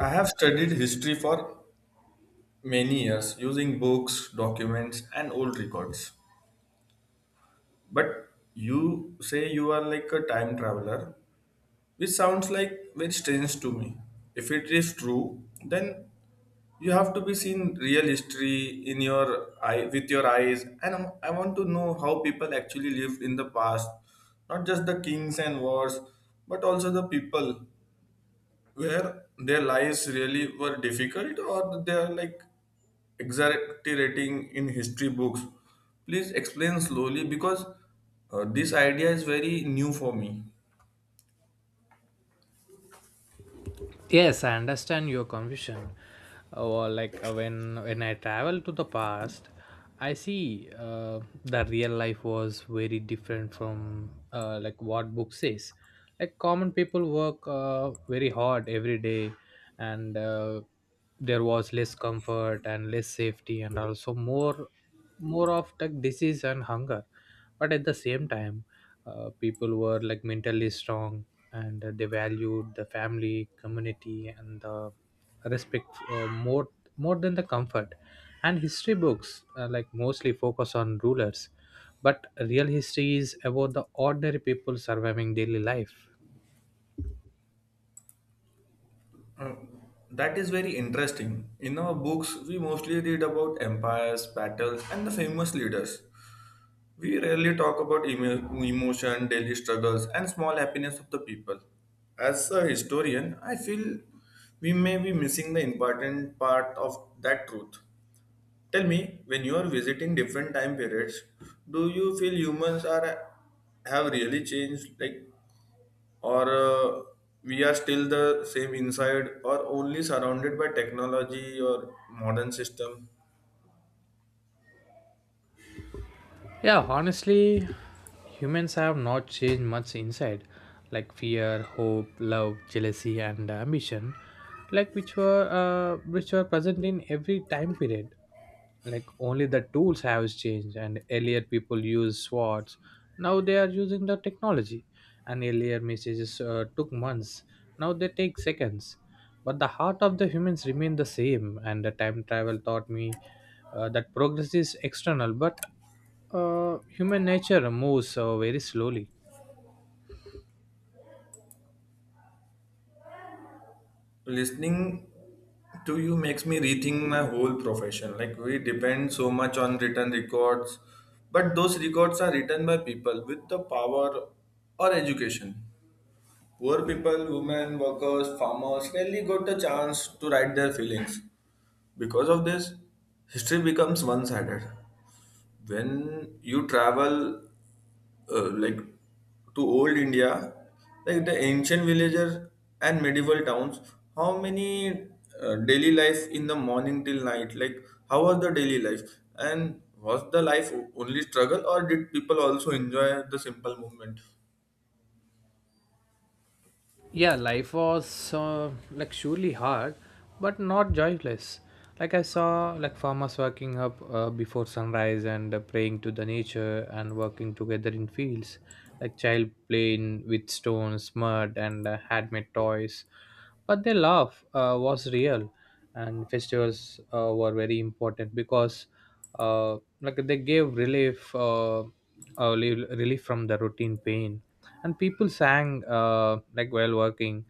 I have studied history for many years using books, documents, and old records. But you say you are like a time traveler, which sounds like very strange to me. If it is true, then you have to be seen real history in your eye with your eyes and I want to know how people actually lived in the past, not just the kings and wars but also the people, where their lives really were difficult or they are like exaggerating in history books. Please explain slowly because this idea is very new for me. Yes, I understand your confusion. Or like, when I travel to the past, I see, the real life was very different from, like what book says. Like common people work, very hard every day, and there was less comfort and less safety, and also more of like disease and hunger. But at the same time, people were like mentally strong, and they valued the family community and the respect, uh, more more than the comfort. And history books, like, mostly focus on rulers, but real history is about the ordinary people surviving daily life. Uh, that is very interesting. In our books, we mostly read about empires, battles, and the famous leaders. We rarely talk about emotion, daily struggles, and small happiness of the people. As a historian, I feel we may be missing the important part of that truth. Tell me, when you are visiting different time periods, do you feel humans are have really changed, like, or we are still the same inside, or only surrounded by technology or modern system? Yeah, honestly, humans have not changed much inside, like fear, hope, love, jealousy, and ambition, like which were present in every time period. Like only the tools have changed, and earlier people used swords, now they are using the technology, and earlier messages, took months, now they take seconds. But the heart of the humans remain the same, and the time travel taught me, that progress is external, but, human nature moves, very slowly. Listening to you makes me rethink my whole profession, like we depend so much on written records, but those records are written by people with the power or education. Poor people, women, workers, farmers rarely got the chance to write their feelings. Because of this, history becomes one-sided. When you travel like to old India, like the ancient villages and medieval towns, how many daily life in the morning till night? Like how was the daily life, and was the life only struggle, or did people also enjoy the simple movement? Yeah, life was, like, surely hard, but not joyless. Like I saw, like farmers waking up, before sunrise, and praying to the nature and working together in fields. Like child playing with stones, mud, and handmade toys. But their love, was real, and festivals, were very important because, like they gave relief. Relief from the routine pain, and people sang, like, while working,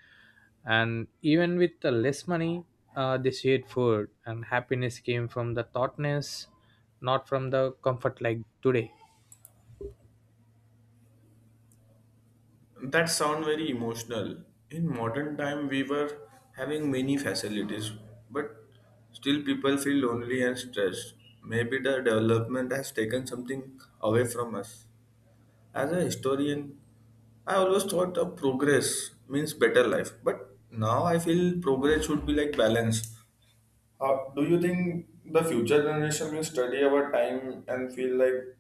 and even with the less money, they shared food, and happiness came from the thoughtness, not from the comfort like today. That sound very emotional. In modern time, we were having many facilities, but still people feel lonely and stressed. Maybe the development has taken something away from us. As a historian, I always thought of progress means better life, but now I feel progress should be like balance. How do you think the future generation will study our time and feel like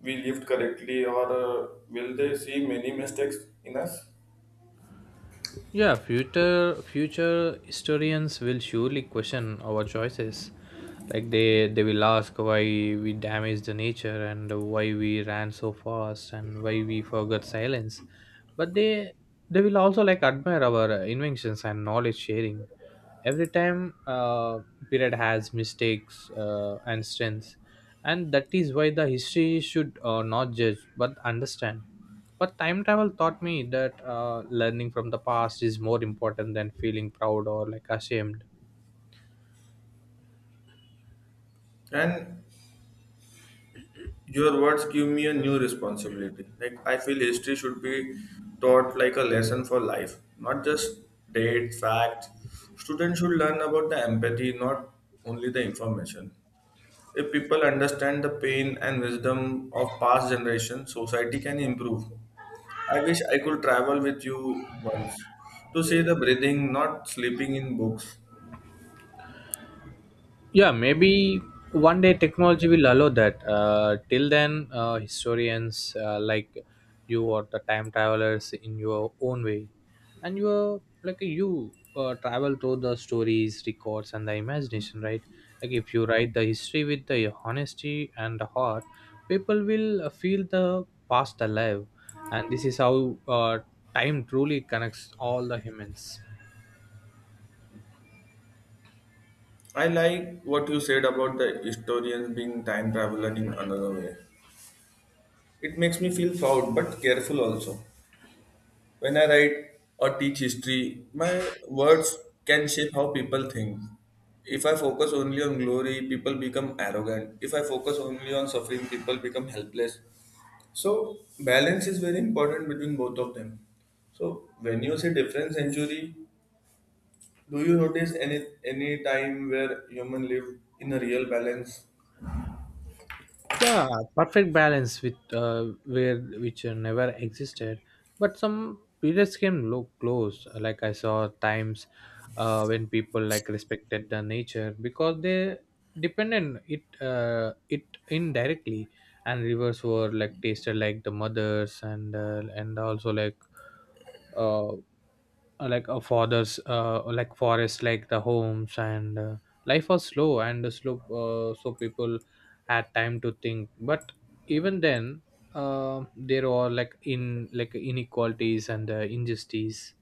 we lived correctly, or will they see many mistakes in us? Yeah, future historians will surely question our choices. Like they will ask why we damaged the nature, and why we ran so fast, and why we forgot silence. But they will also, like, admire our, inventions and knowledge sharing. Every time, period has mistakes, and strengths, and that is why the history should, not judge but understand. But time travel taught me that, learning from the past is more important than feeling proud or like ashamed. And your words give me a new responsibility, like I feel history should be taught like a lesson for life, not just date fact. Students should learn about the empathy, not only the information. If people understand the pain and wisdom of past generations, society can improve. I wish I could travel with you once to see the breathing, not sleeping in books. Yeah, maybe one day technology will allow that, till then, historians, like you or the time travelers in your own way. And you are like you travel through the stories, records, and the imagination, right? Like if you write the history with the honesty and the heart, people will, feel the past alive, and this is how, time truly connects all the humans. I like what you said about the historians being time traveler in another way. It makes me feel proud but careful also. When I write or teach history, my words can shape how people think. If I focus only on glory, people become arrogant. If I focus only on suffering, people become helpless. So, balance is very important between both of them. So, when you say different century, do you notice any time where human live in a real balance? Yeah, perfect balance with, where which, never existed, but some periods came look close. Like I saw times, when people, like, respected the nature because they depended it, it indirectly. And rivers were, like, tasted like the mothers, and also like, uh, like a father's, like forest, like the homes. And life was slow and slow, so people had time to think. But even then, there were like in like inequalities, and injustice,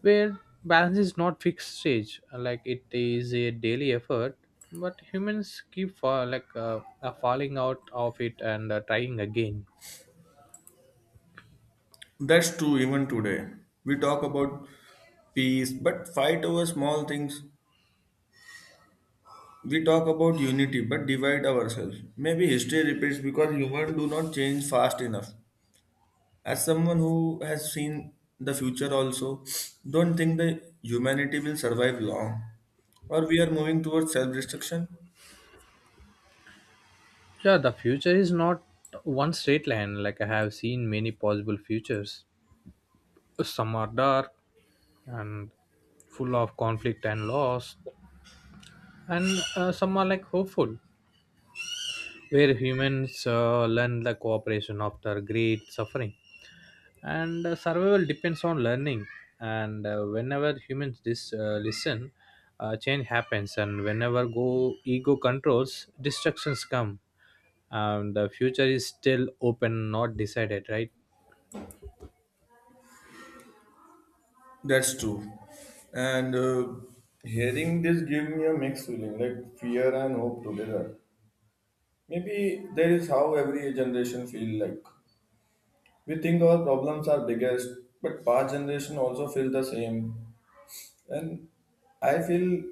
where balance is not fixed stage, like it is a daily effort. But humans keep fall, like, falling out of it, and trying again. That's true even today. We talk about peace, but fight over small things. We talk about unity but divide ourselves. Maybe history repeats because humans do not change fast enough. As someone who has seen the future also, don't think the humanity will survive long. Or we are moving towards self-destruction. Yeah, the future is not one straight line. Like I have seen many possible futures. Some are dark and full of conflict and loss, and some are, like, hopeful, where humans, learn the cooperation after great suffering. And survival depends on learning. And whenever humans, listen, change happens. And whenever go ego controls, destructions come. And the future is still open, not decided, right? That's true. And hearing this give me a mixed feeling, like fear and hope together. Maybe there is how every generation feel like. We think our problems are biggest, but past generation also feel the same. And I feel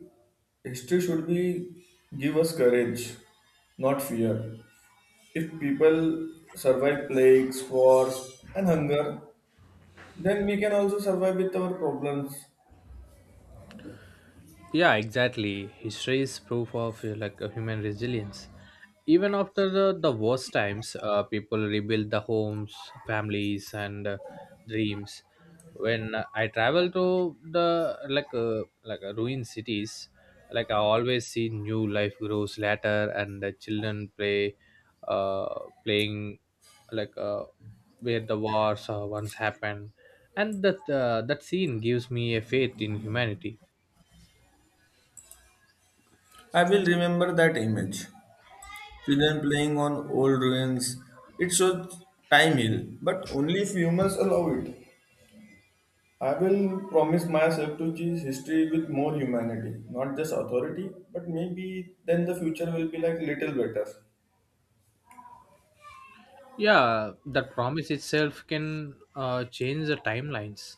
history should be give us courage, not fear. If people survive plagues, wars, and hunger, then we can also survive with our problems. Yeah, exactly. History is proof of, like, a human resilience. Even after the worst times, people rebuild the homes, families, and dreams. When I travel to the, like, ruined cities, like I always see new life grows later, and the children play, uh, playing, like, where the wars, once happened, and that scene gives me a faith in humanity. I will remember that image. Children playing on old ruins. It shows time heal, but only if humans allow it. I will promise myself to choose history with more humanity, not just authority, but maybe then the future will be like little better. Yeah, that promise itself can, change the timelines,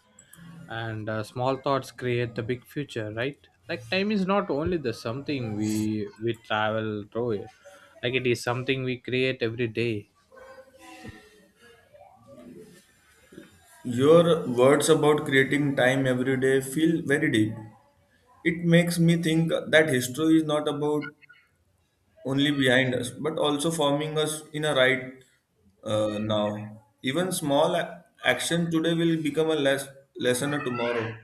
and small thoughts create the big future, right? Like time is not only the something we travel through it, like it is something we create every day. Your words about creating time every day feel very deep. It makes me think that history is not about only behind us, but also forming us in a right now. Even small action today will become a lesson tomorrow.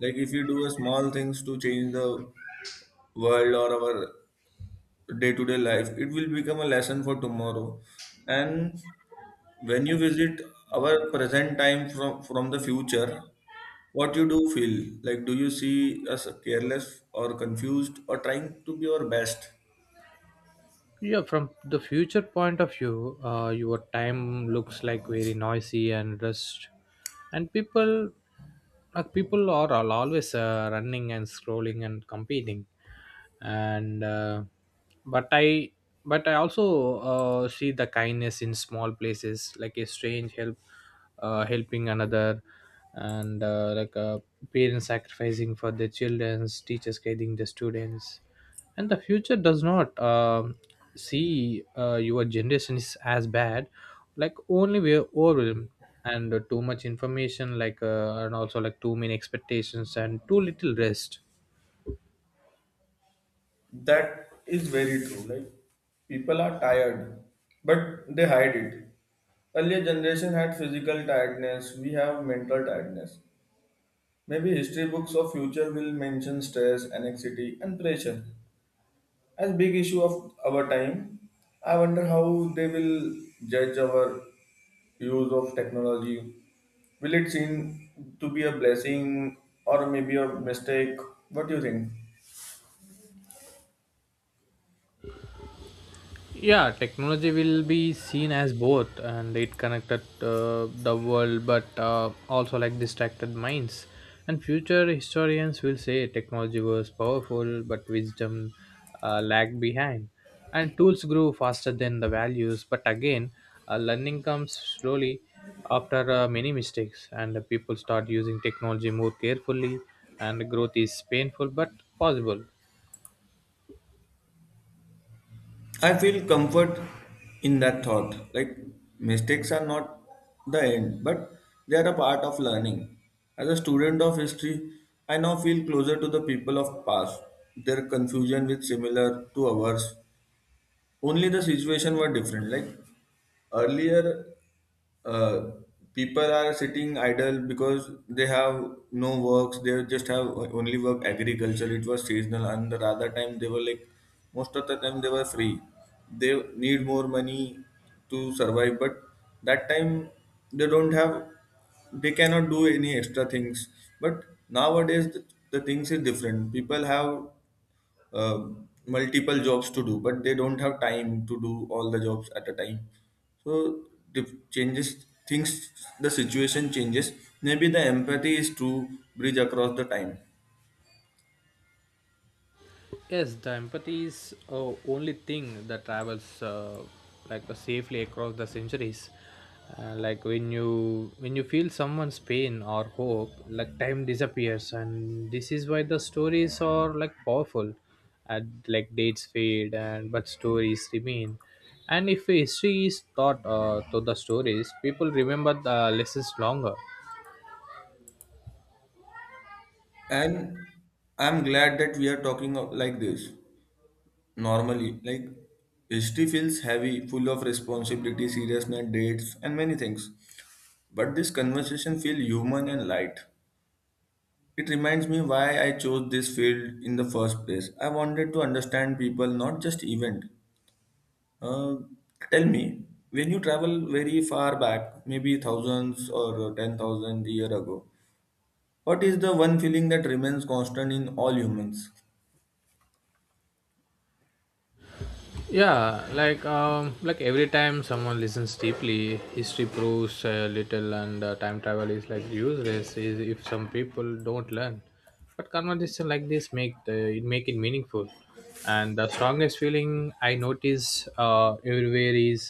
Like if you do a small things to change the world or our day-to-day life, it will become a lesson for tomorrow. And when you visit our present time from the future, what you do feel? Like, do you see us careless or confused or trying to be our best? Yeah, from the future point of view, your time looks like very noisy and rushed, and people, like people are, always, running and scrolling and competing, and but i but I also, see the kindness in small places, like a strange help, helping another, and like, parents sacrificing for their children's teachers guiding the students. And the future does not see, your generation is as bad, like only we're overwhelmed, and too much information, like, and also like too many expectations and too little rest. That is very true. Like, people are tired, but they hide it. Earlier generation had physical tiredness, we have mental tiredness. Maybe history books of future will mention stress, anxiety, and pressure as big issue of our time. I wonder how they will judge our use of technology. Will it seem to be a blessing or maybe a mistake? What do you think? Yeah, technology will be seen as both, and it connected, the world, but, also, like, distracted minds. And future historians will say technology was powerful but wisdom, lagged behind. And tools grew faster than the values, but again, learning comes slowly after, many mistakes, and people start using technology more carefully. And growth is painful but possible. I feel comfort in that thought. Like mistakes are not the end, but they are a part of learning. As a student of history, I now feel closer to the people of past. Their confusion with similar to ours. Only the situation were different. Like earlier uh, people are sitting idle because they have no works. They just have only work agriculture. It was seasonal and the other time they were like most of the time they were free. They need more money to survive, but that time they don't have, they cannot do any extra things. But nowadays the things is different. People have multiple jobs to do, but they don't have time to do all the jobs at a time. So the changes things, the situation changes. Maybe the empathy is to bridge across the time. Yes, the empathy is, only thing that travels, safely across the centuries. Like when you feel someone's pain or hope, like time disappears, and this is why the stories are, like, powerful. And, like, dates fade, and but stories remain. And if history is taught, through the stories, people remember the lessons longer. And I'm glad that we are talking like this normally. Like history feels heavy, full of responsibility, seriousness, dates, and many things. But this conversation feels human and light. It reminds me why I chose this field in the first place. I wanted to understand people, not just event. Uh, tell me, when you travel very far back, maybe thousands or 10,000 year ago, what is the one feeling that remains constant in all humans? Yeah, like, like every time someone listens deeply, history proves, little, and time travel is like useless is, if some people don't learn. But conversation like this make the it make it meaningful. And the strongest feeling I notice, everywhere is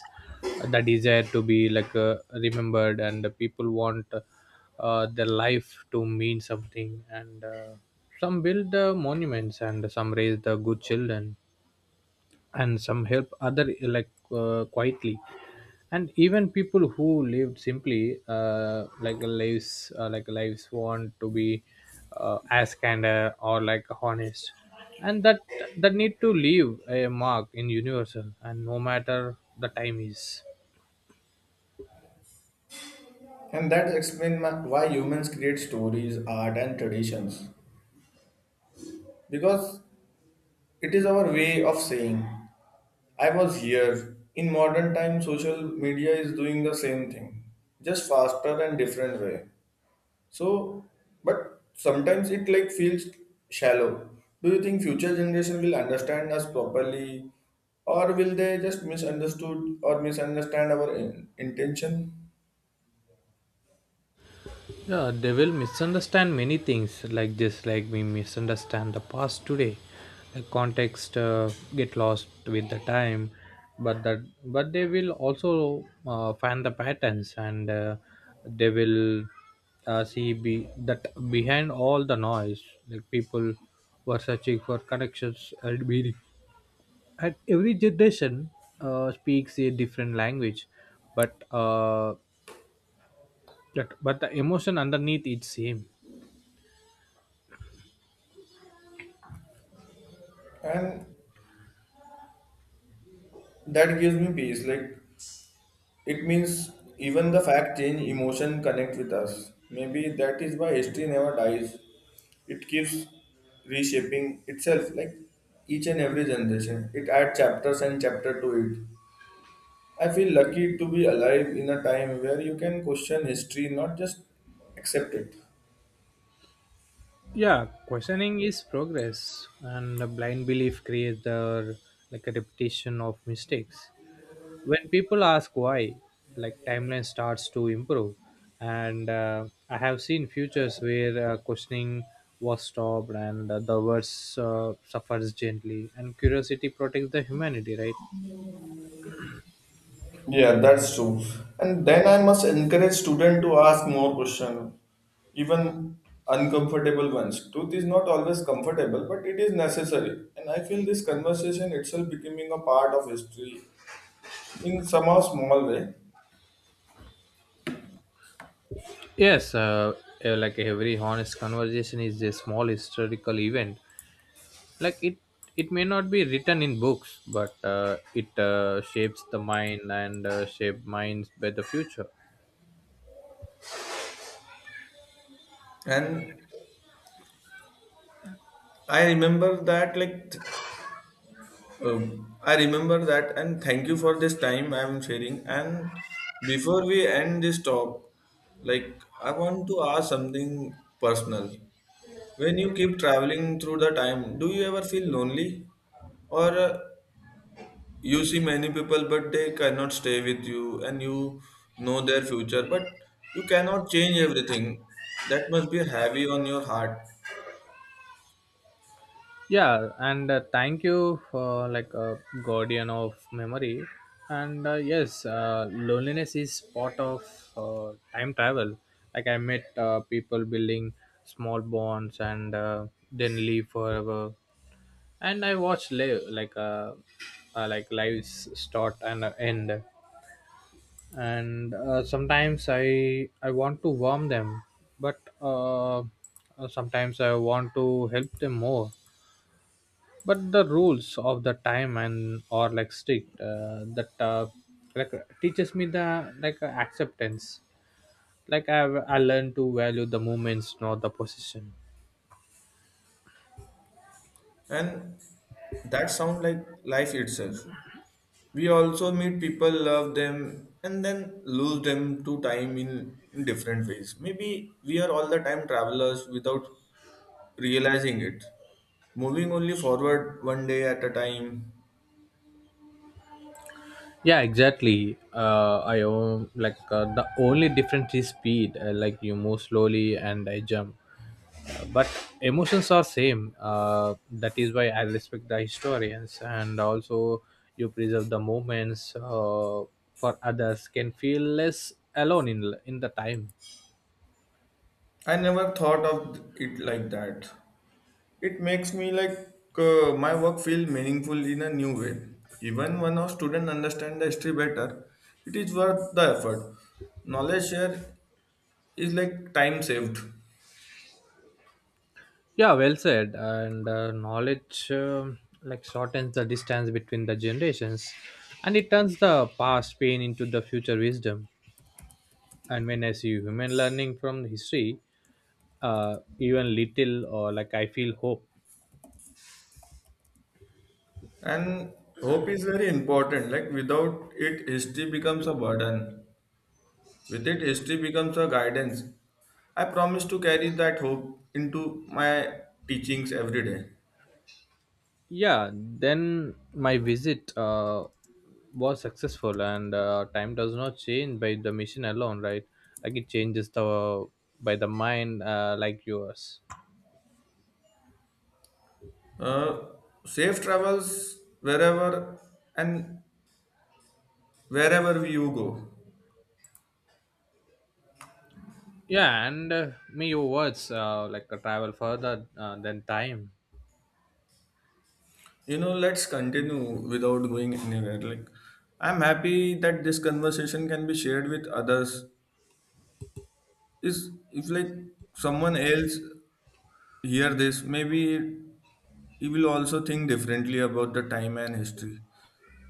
the desire to be, like, remembered, and the people want, their life to mean something, and some build, monuments, and some raise the good children, and some help other, like, quietly, and even people who lived simply, like lives, like lives want to be, as candor or, like, honest, and that need to leave a mark in universal, and no matter the time is. And that explains why humans create stories, art, and traditions. Because it is our way of saying, "I was here." In modern time, social media is doing the same thing, just faster and different way. So, but sometimes it like feels shallow. Do you think future generation will understand us properly, or will they just misunderstood or misunderstand our intention? Yeah, they will misunderstand many things like this. Like we misunderstand the past today, the context, get lost with the time, but that, but they will also, find the patterns, and they will, see be, that behind all the noise, like people were searching for connections and meaning. And every generation, speaks a different language, but, that, but the emotion underneath is same. And that gives me peace. Like it means even the fact change emotion connect with us. Maybe that is why history never dies. It keeps reshaping itself like each and every generation. It adds chapters and chapter to it. I feel lucky to be alive in a time where you can question history, not just accept it. Yeah, questioning is progress, and a blind belief creates the, like, a repetition of mistakes. When people ask why, like timeline starts to improve, and I have seen futures where, questioning was stopped, and the worst, suffers gently, and curiosity protects the humanity, right? Yeah, that's true. And then I must encourage students to ask more questions, even uncomfortable ones. Truth is not always comfortable, but it is necessary. And I feel this conversation itself becoming a part of history in somehow small way. Yes, like every honest conversation is a small historical event, like it may not be written in books, but, it, shapes the mind, and shape minds by the future. And I remember that, like, uh, I remember that, and thank you for this time I'm sharing. And before we end this talk, like, I want to ask something personal. When you keep traveling through the time, do you ever feel lonely? Or you see many people but they cannot stay with you, and you know their future, but you cannot change everything. That must be heavy on your heart. Yeah, and thank you for, like, a guardian of memory, and yes, loneliness is part of, time travel. Like I met, people building small bonds, and then leave forever, and I watched live, like, like lives start and end, and sometimes I want to warm them, but, sometimes I want to help them more, but the rules of the time and are, like, strict, that, like teaches me the, like, acceptance, like I learned to value the moments, not the position. And that sounds like life itself. We also meet people, love them, and then lose them to time in different ways. Maybe we are all the time travelers without realizing it, moving only forward one day at a time. Yeah, exactly, I own, like, the only difference is speed, like, you move slowly and I jump, but emotions are same, that is why I respect the historians, and also you preserve the moments, for others can feel less alone in the time. I never thought of it like that. It makes me like my work feel meaningful in a new way. Even when our student understand the history better, it is worth the effort. Knowledge share is like time saved, Yeah, well said. And knowledge, like, shortens the distance between the generations, and it turns the past pain into the future wisdom. And when I see human learning from history, even little or, like, I feel hope. and hope is very important. Like without it, history becomes a burden. With it, history becomes a guidance. I promise to carry that hope into my teachings every day. Yeah, then my visit, was successful, and time does not change by the mission alone, right? Like it changes the by the mind, like yours. Uh, safe travels wherever and wherever you go. Yeah, and may your words, travel further, than time. You know, let's continue without going anywhere. Like, I'm happy that this conversation can be shared with others. Is if like someone else hear this, maybe he will also think differently about the time and history.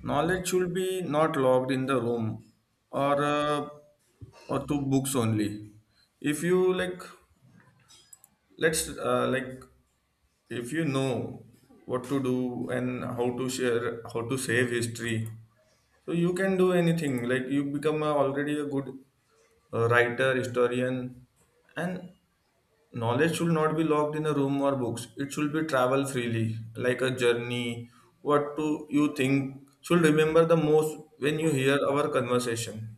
Knowledge should be not locked in the room, or uh, or to books only. If you like, let's like if you know what to do and how to share, how to save history, so you can do anything. Like you become a, already a good writer, historian, and knowledge should not be locked in a room or books. It should be travel freely, like a journey. What do you think should remember the most when you hear our conversation?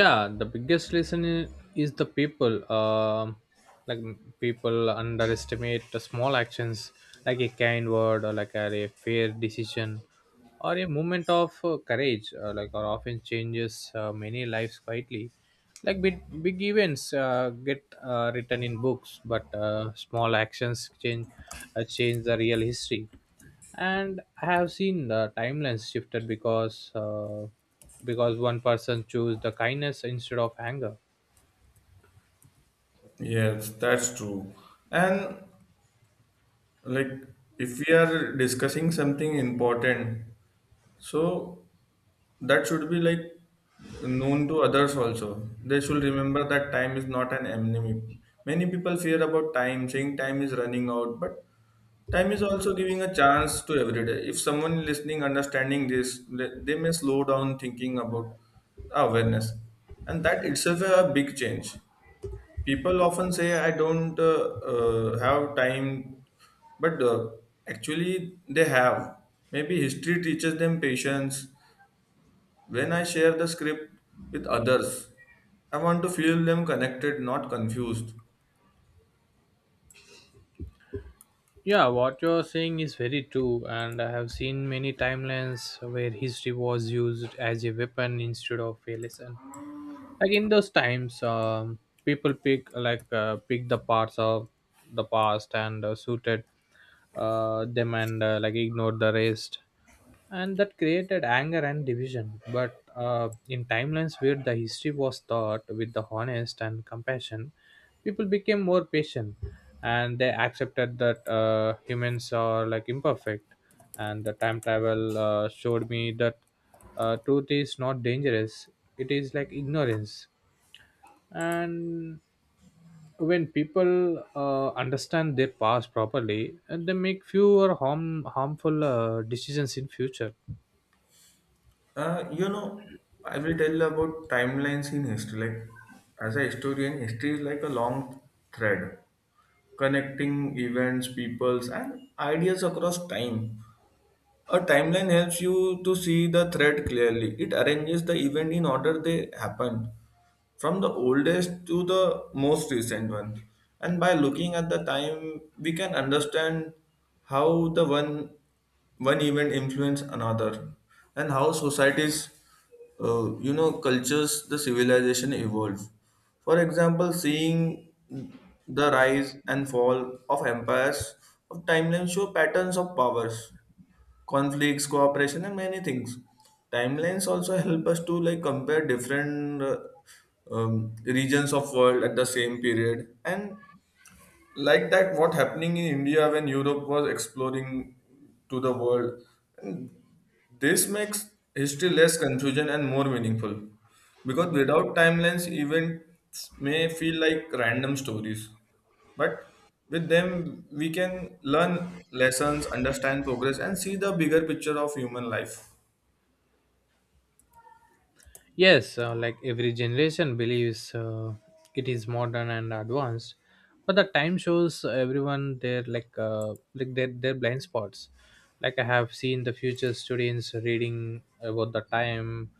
Yeah, the biggest lesson is the people, like, people underestimate the small actions, like a kind word, or like a fair decision, or a moment of, courage, like, or often changes, many lives quietly, like big, big events, get, written in books, but, small actions change the real history. And I have seen the timelines shifted, because one person chose the kindness instead of anger. Yes, that's true. And like if we are discussing something important, so that should be like known to others also. They should remember that time is not an enemy. Many people fear about time, saying time is running out, but time is also giving a chance to every day. If someone listening, understanding this, they may slow down thinking about awareness, and that itself is a big change. People often say, "I don't have time," but actually they have. Maybe history teaches them patience. When I share the script with others, I want to feel them connected, not confused. Yeah, what you're saying is very true, and I have seen many timelines where history was used as a weapon instead of a lesson. Like in those times, people pick the parts of the past, and suited, them, and like, ignored the rest. And that created anger and division. But, in timelines where the history was taught with the honest and compassion, people became more patient, and they accepted that, humans are, like, imperfect. And the time travel, showed me that, truth is not dangerous; it is like ignorance. And when people, understand their past properly, and they make fewer harmful, decisions in future. You know, I will tell about timelines in history. Like, as a historian, history is like a long thread connecting events, peoples, and ideas across time. A timeline helps you to see the thread clearly. It arranges the event in order they happened, from the oldest to the most recent one. And by looking at the time, we can understand how the one event influence another, and how societies, you know, cultures, the civilization evolve. For example, seeing the rise and fall of empires of timeline show patterns of powers, conflicts, cooperation, and many things. Timelines also help us to like compare different regions of world at the same period, and like that what happening in india when europe was exploring to the world. This makes history less confusion and more meaningful, because without timelines events may feel like random stories, but with them we can learn lessons, understand progress, and see the bigger picture of human life. Yes, like every generation believes, it is modern and advanced, but the time shows everyone their, like, like their blind spots. Like I have seen the future students reading about the time,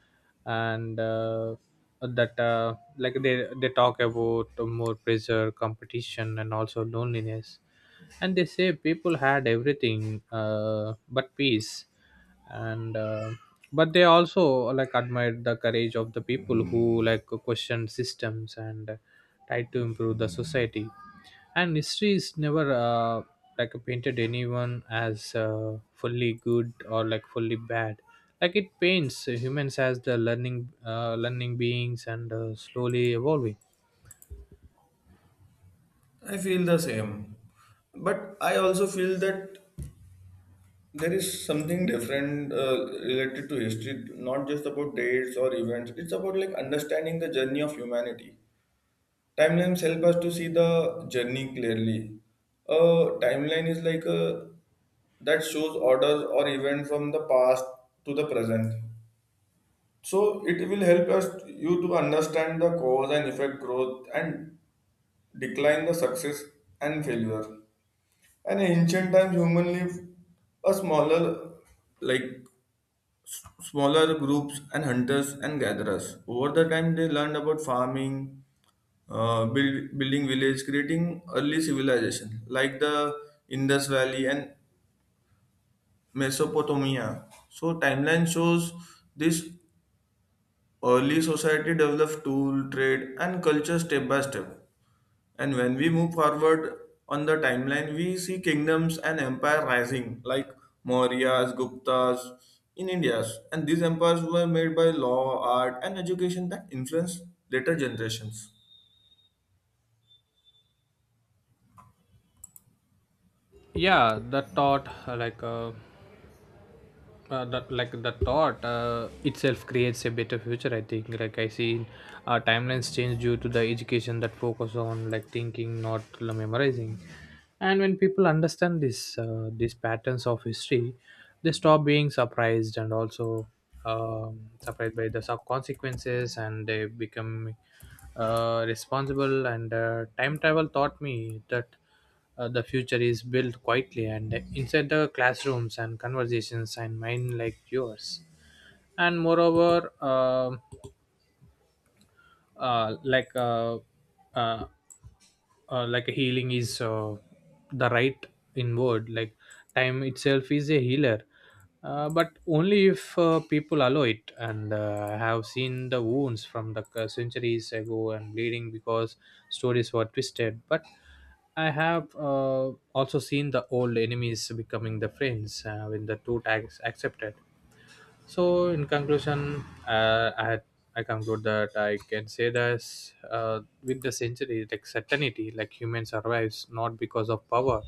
and that, like they talk about more pressure, competition, and also loneliness, and they say people had everything, but peace, and but they also, like, admired the courage of the people who like questioned systems and tried to improve the society. And history is never, like, painted anyone as, fully good or, like, fully bad. Like it paints humans as the learning beings, and slowly evolving. I feel the same, but I also feel that there is something different related to history, not just about dates or events. It's about like understanding the journey of humanity. Timelines help us to see the journey clearly. A timeline is like a that shows orders or events from the past to the present. So it will help us you to understand the cause and effect, growth and decline, the success and failure. And in ancient times, humans lived a smaller, like smaller groups and hunters and gatherers. Over the time, they learned about farming, building village, creating early civilization like the Indus Valley and Mesopotamia. So timeline shows this early society developed tool, trade, and culture step by step. And when we move forward on the timeline, we see kingdoms and empire rising, like Mauryas, Guptas in India. And these empires were made by law, art, and education that influenced later generations. Yeah, that thought, that, like, the thought, itself creates a better future, I think. Like I see, timelines change due to the education that focus on, like, thinking not memorizing. And when people understand this, these patterns of history, they stop being surprised, and also, surprised by the consequences, and they become, responsible, and time travel taught me that, the future is built quietly and inside the classrooms and conversations and mind like yours. And moreover, uh, like uh, uh, like healing is, the right in word, like time itself is a healer, but only if, people allow it, and I have seen the wounds from the, centuries ago, and bleeding because stories were twisted. But I have, also seen the old enemies becoming the friends, when the truth is accepted. So, in conclusion, I had, I conclude that I can say that, with the century, like certainty, like human survives not because of power,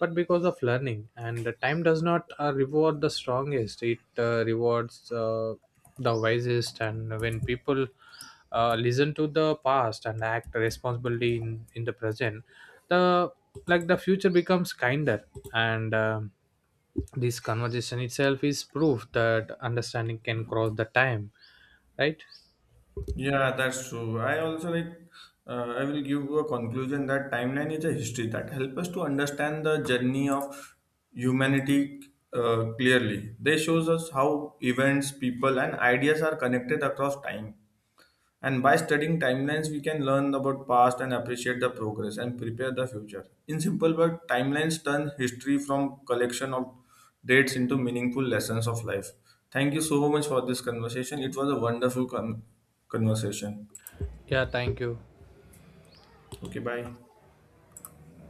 but because of learning. And the time does not, reward the strongest; it, rewards, the wisest. And when people, listen to the past and act responsibly in the present, the like the future becomes kinder. And. um this conversation itself is proof that understanding can cross the time, right? Yeah, that's true. I also like. I will give a conclusion that timeline is a history that help us to understand the journey of humanity clearly. They shows us how events, people, and ideas are connected across time. And by studying timelines, we can learn about past and appreciate the progress and prepare the future. In simple words, timelines turn history from collection of dates into meaningful lessons of life. Thank you so much for this conversation. It was a wonderful conversation. Yeah, thank you. Okay, bye.